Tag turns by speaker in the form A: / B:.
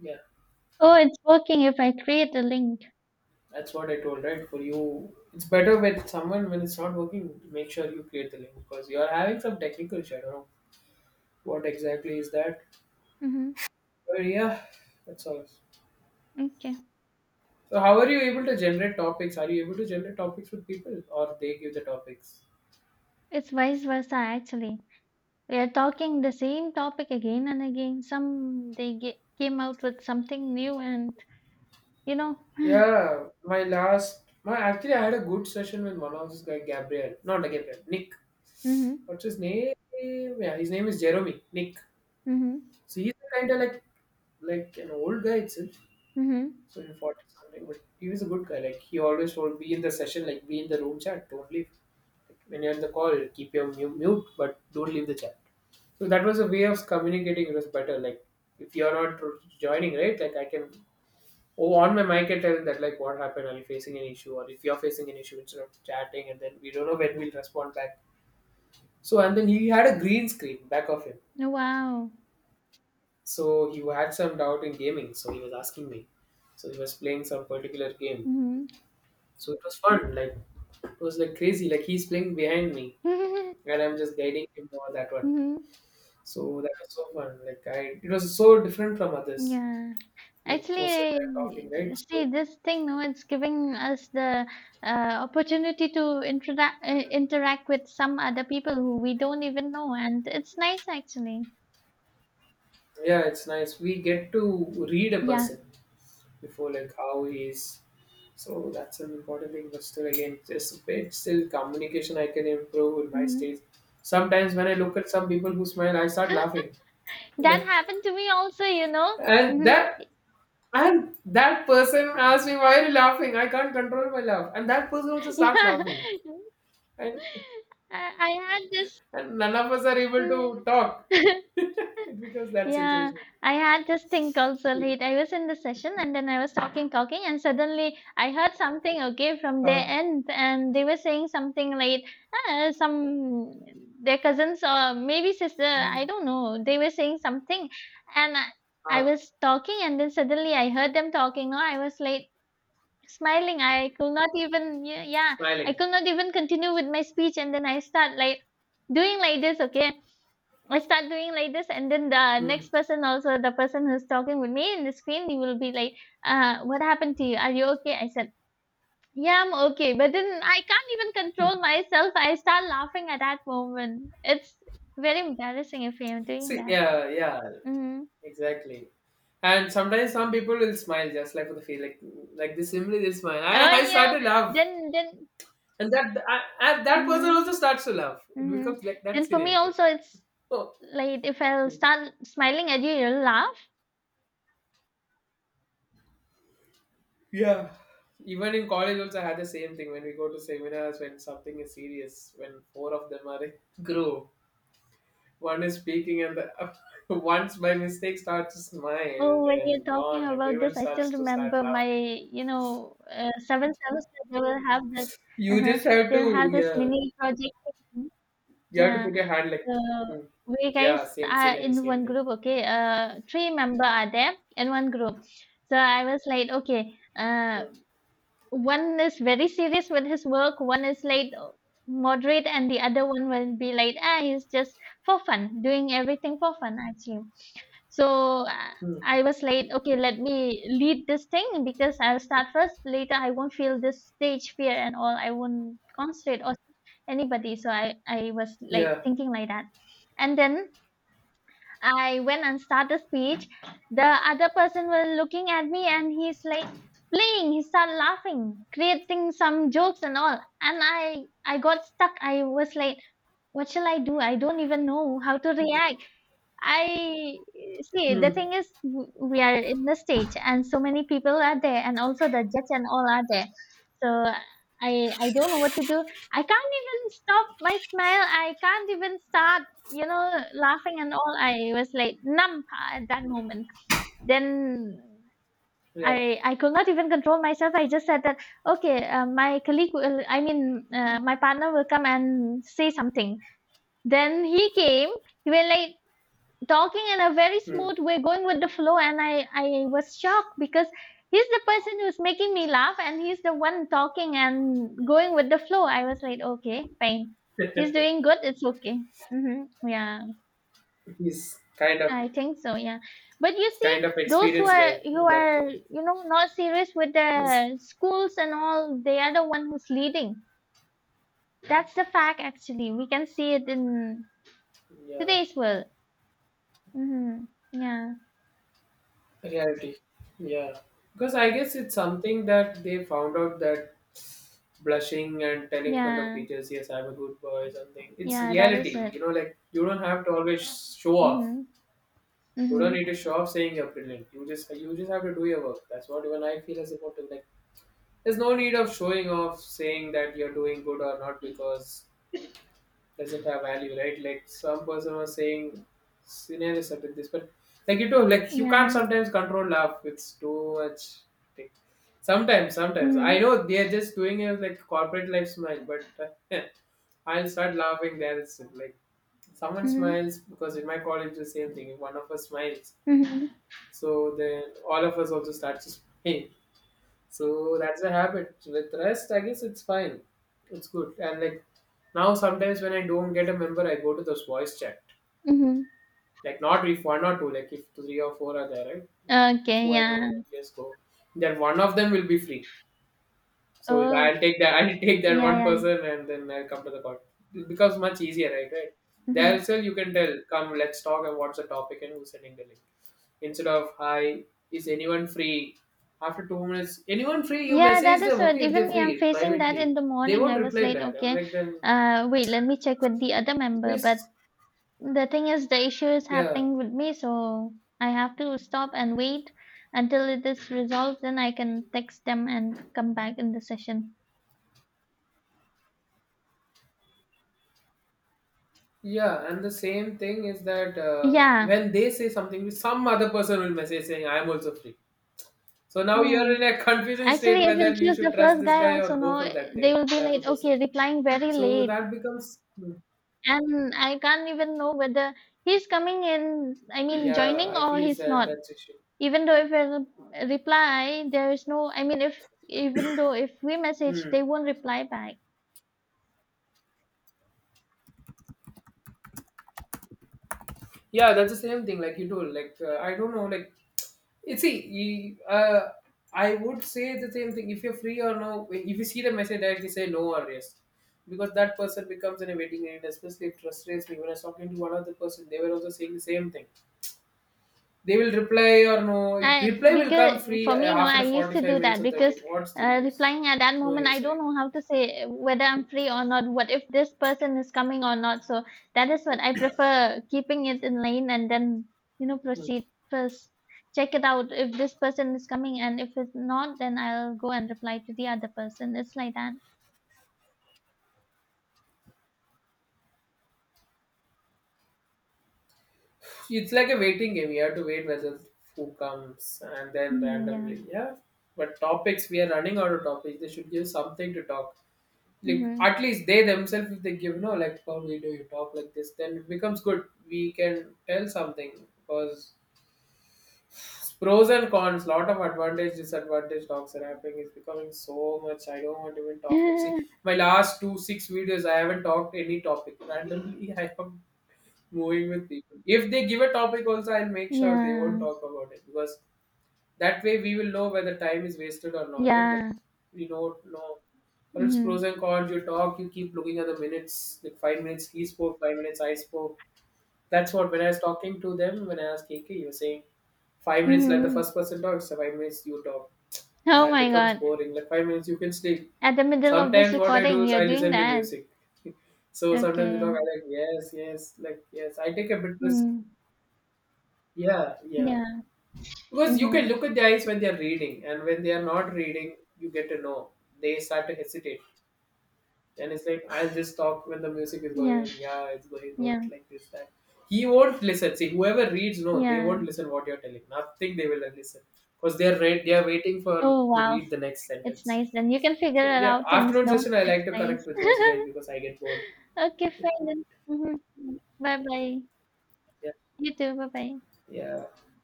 A: Yeah,
B: Oh, it's working if I create a link.
A: that's what I told, right? For you, it's better with someone when it's not working. Make sure you create the link because you are having some technical issue. I don't know what exactly is that,
B: Hmm.
A: but yeah, that's all.
B: Okay.
A: So, how are you able to generate topics? Are you able to generate topics with people, or they give the topics?
B: It's vice versa, actually. We are talking the same topic again and again. Some they came out with something new, and you know.
A: Yeah, my actually, I had a good session with one of this guy, Gabriel, not Gabriel, Nick.
B: Hmm.
A: What's his name? Yeah, his name is Jeremy Nick.
B: Hmm.
A: So he's kind of like an old guy itself.
B: Hmm.
A: So we fought something, but he was a good guy. Like he always told, be in the session, like be in the room chat. Don't leave. Like, when you're in the call, keep your mute, but don't leave the chat. So that was a way of communicating. It was better. Like if you're not joining, right? Like I can oh on my mic and tell that like what happened. Are you facing an issue, or if you're facing an issue, instead of chatting, and then we don't know when we'll respond back. So and then he had a green screen back of him.
B: Wow.
A: So he had some doubt in gaming. So he was asking me. So he was playing some particular game.
B: Hmm.
A: So it was fun. Like it was like crazy. Like he's playing behind me,
B: Hmm.
A: and I'm just guiding him over that one. So that was so fun. Like I, it was so different from others.
B: Yeah.
A: Like most of the time talking,
B: Actually,
A: right?
B: see
A: So
B: this thing. No, it's giving us the uh, opportunity to interact, interact with some other people who we don't even know, and it's nice actually.
A: yeah, it's nice. We get to read a
B: Yeah.
A: person before like how he is. So that's an important thing. But still, again, just a bit still communication I can improve in my
B: Mhm.
A: stage. Sometimes when I look at some people who smile, I start laughing.
B: That
A: Like
B: happened to me also, you know.
A: and
B: Mhm.
A: that. And that person asks me, why are you laughing? I can't control my laugh. And that person also starts
B: Yeah.
A: laughing. And,
B: I had this.
A: and none of us are able to
B: Mhm.
A: talk because that
B: Yeah,
A: situation.
B: I had this thing called
A: See,
B: Solhit. I was in the session and then I was talking, and suddenly I heard something, okay, from their
A: uh,
B: end, and they were saying something like, ah, some their cousins or maybe sister, I
A: mm,
B: don't know. They were saying something, and I
A: uh,
B: was talking, and then suddenly I heard them talking. Or I was like, smiling, I could not even, yeah, yeah, I
A: smiling.
B: could not even continue with my speech, and then I start like doing like this. Okay, I start doing like this, and then the
A: Mm.
B: next person also, the person who's talking with me in the screen, he will be like, what happened to you? Are you okay? I said, yeah, I'm okay. But then I can't even control myself. I start laughing at that moment. It's very embarrassing if you're doing
A: See,
B: that.
A: yeah, yeah,
B: Mm-hmm.
A: exactly. And sometimes some people will smile just like for the feel, like this simply they smile. I,
B: Oh,
A: I start
B: yeah.
A: to laugh,
B: Then, then,
A: and and that person
B: mhm.
A: also starts to laugh. It
B: Mhm.
A: becomes like that
B: And for me
A: scenario.
B: also, it's
A: Oh.
B: like if I'll
A: Hmm.
B: start smiling at you, you'll laugh.
A: Yeah. Even in college also I had the same thing when we go to seminars when something is serious, when four of them are in group. One is speaking and the once by mistake starts to smile,
B: Oh, when you're
A: then
B: talking
A: gone.
B: about
A: Everyone
B: this, I still
A: starts to start
B: remember my,
A: laughing.
B: you know, seven semester. They will have this.
A: You
B: Uh-huh,
A: just have
B: they'll have
A: to
B: this
A: yeah.
B: mini project thing.
A: You have to
B: Yeah.
A: put your hand like
B: So
A: hmm.
B: we guys
A: Yeah, same
B: are
A: scenario,
B: in
A: same
B: one
A: thing.
B: group. Okay. Three member are there in one group. So I was like, okay.
A: Hmm.
B: One is very serious with his work, one is like moderate, and the other one will be like, ah, he's just for fun, doing everything for fun, actually. So
A: Hmm.
B: I was like, okay, let me lead this thing because I'll start first. Later, I won't feel this stage fear and all. I won't concentrate on anybody. So I was like
A: Yeah.
B: thinking like that. And then I went and started speech. The other person was looking at me and he's like playing. He started laughing, creating some jokes and all. And I got stuck. I was like, what shall I do? I don't even know how to react. I see the
A: Hmm.
B: thing is we are in the stage and so many people are there and also the judge and all are there. So I don't know what to do. I can't even stop my smile. I can't even start, you know, laughing and all. I was like numb at that moment. Then
A: Yeah.
B: I could not even control myself. I just said that okay, my colleague will, I mean, my partner will come and say something. Then he came. He was like talking in a very
A: Hmm.
B: smooth way, going with the flow, and I was shocked because he's the person who's making me laugh, and he's the one talking and going with the flow. I was like, okay, fine, he's doing good, it's okay. Hmm. Yeah,
A: He's
B: I think so. Yeah, but you see,
A: kind of
B: those who
A: experienced
B: are,
A: guy in that team.
B: you know, not serious with
A: Yes.
B: the schools and all, they are the one who's leading. That's the fact, actually. We can see it in
A: Yeah.
B: today's world. Hmm. Yeah,
A: Reality. Yeah. Because I guess it's something that they found out that blushing and telling front of
B: yeah,
A: teachers, yes, I'm a good boy, something. It's
B: yeah. That is
A: reality.
B: it.
A: You know, like you don't have to always show off.
B: Mhm.
A: You don't need
B: Mhm.
A: to show off saying you're brilliant. You just have to do your work. That's what even I feel is important. Like there's no need of showing off saying that you're doing good or not because doesn't have value, right? Like some person was saying scenarios are like this, but like you do, like you can't
B: Yeah.
A: sometimes control laugh. It's too much. Like, sometimes I
B: Mhm.
A: know they are just doing it like corporate life smile, but I'll start laughing there itself. Like someone
B: Mhm.
A: smiles because in my college the same thing. One of us smiles,
B: Mhm.
A: so then all of us also start to smile. So that's a habit. With rest, I guess it's fine. It's good. And like now, sometimes when I don't get a member, I go to those voice chat.
B: Mhm.
A: Like not if one or two, like if three or four are there, right? If
B: Okay,
A: four and all,
B: yeah.
A: just go. Then one of them will be free. So
B: Oh,
A: I'll take that. I'll take that
B: yeah,
A: one
B: yeah.
A: person, and then I'll come to the court. It becomes much easier, right? Right. There
B: Mhm.
A: itself, you can tell. Come, let's talk. And what's the topic, and who's sending the link? Instead of hi, is anyone free? After 2 minutes, anyone free? You
B: Yeah, that
A: message
B: is
A: them.
B: what
A: Okay, if
B: even
A: they're
B: me, I'm
A: free
B: facing that in
A: privately,
B: the
A: they
B: morning.
A: won't
B: I was
A: reply
B: like,
A: back. I'm
B: okay,
A: like then
B: wait, let me check with the other member. But
A: this.
B: the thing is, the issue is
A: Yeah.
B: happening with me, so I have to stop and wait until it is resolved. Then I can text them and come back in the session.
A: Yeah, and the same thing is that
B: Yeah,
A: when they say something, some other person will message saying, "I am also free." So now you're
B: yeah.
A: in a confusion
B: Actually,
A: state
B: if
A: whether
B: you'll
A: you
B: choose the
A: should trust
B: first
A: this
B: guy,
A: guy or
B: also
A: go
B: no,
A: for that guy,
B: they will be
A: the other
B: like,
A: person.
B: okay, replying very
A: So
B: late,
A: that becomes, hmm.
B: and I can't even know whether he's coming in. I mean,
A: Yeah,
B: joining
A: I
B: or
A: feel it's
B: he's
A: that
B: not.
A: that's issue.
B: Even though if I reply, there is no. I mean, if even though if we message,
A: Hmm.
B: they won't reply back.
A: Yeah, that's the same thing. Like you told, like I don't know, like you see, I would say the same thing. If you're free or no, if you see the message directly, say no or yes, because that person becomes in a waiting area. Especially if trust rates me. When I was talking to one other person, they were also saying the same thing. They will reply or no.
B: I
A: Reply will come
B: because
A: free
B: for me, no, I
A: after
B: used to do
A: 45 minutes
B: that
A: or 30.
B: because
A: What's the use?
B: replying at that
A: No
B: moment, I
A: use,
B: don't
A: right?
B: know how to say whether I'm free or not. What if this person is coming or not? So that is what I prefer keeping it in lane and then, you know,
A: Hmm.
B: proceed first. Check it out if this person is coming, and if it's not, then I'll go and reply to the other person. It's like that.
A: It's like a waiting game. You have to wait whether who comes and then
B: Mm, yeah.
A: randomly. Yeah. But topics, we are running out of topics. They should give something to talk. Like
B: Mm-hmm.
A: at least they themselves, if they give no, like how we do you talk like this, then it becomes good. We can tell something because pros and cons, lot of advantage, disadvantage. Dog wrapping is becoming so much. I don't want to even talk of. See, my last 2, 6 videos, I haven't talked any topic. Randomly, I am moving with people. If they give a topic, also, I'll make sure they won't
B: Yeah.
A: talk about it because that way we will know whether time is wasted or not, right? Like
B: Yeah.
A: we don't know. Or it's pros and
B: Mm-hmm.
A: cons. You talk, you keep looking at the minutes. Like 5 minutes, he spoke. 5 minutes, I spoke. That's what when I was talking to them, when I was KK, you were saying 5 minutes let the
B: Mm-hmm.
A: first person talk, so 5 minutes you talk.
B: Oh
A: That
B: my
A: becomes
B: God.
A: boring. Like 5 minutes you can sleep.
B: At the middle of this
A: Sometimes what I do
B: recording,
A: is
B: you're
A: I
B: doing
A: listen to
B: that.
A: music. So sometimes they talk,
B: Okay.
A: I like, yes, yes, like yes. I take a bit risk.
B: Mm.
A: Yeah, yeah.
B: Yeah.
A: Because you can
B: Mm-hmm.
A: look at the eyes when they are reading, and when they are not reading, you get to know. They start to hesitate. And it's like I'll just talk when the music is going
B: Yeah.
A: on. Yeah, it's going good,
B: Yeah.
A: like this, that. He won't listen. See, whoever reads, no, they
B: Yeah.
A: won't listen what you're telling. Nothing they will listen. Because they're read they are waiting for
B: Oh,
A: to
B: wow.
A: read the next
B: It's
A: sentence.
B: nice. Then you can figure
A: So
B: it
A: yeah,
B: out things,
A: afternoon
B: no?
A: session I
B: It's
A: like to
B: nice.
A: connect with those guys because I get bored.
B: Okay, fine then. Mm-hmm. Bye bye.
A: Yeah.
B: You too. Bye bye.
A: Yeah.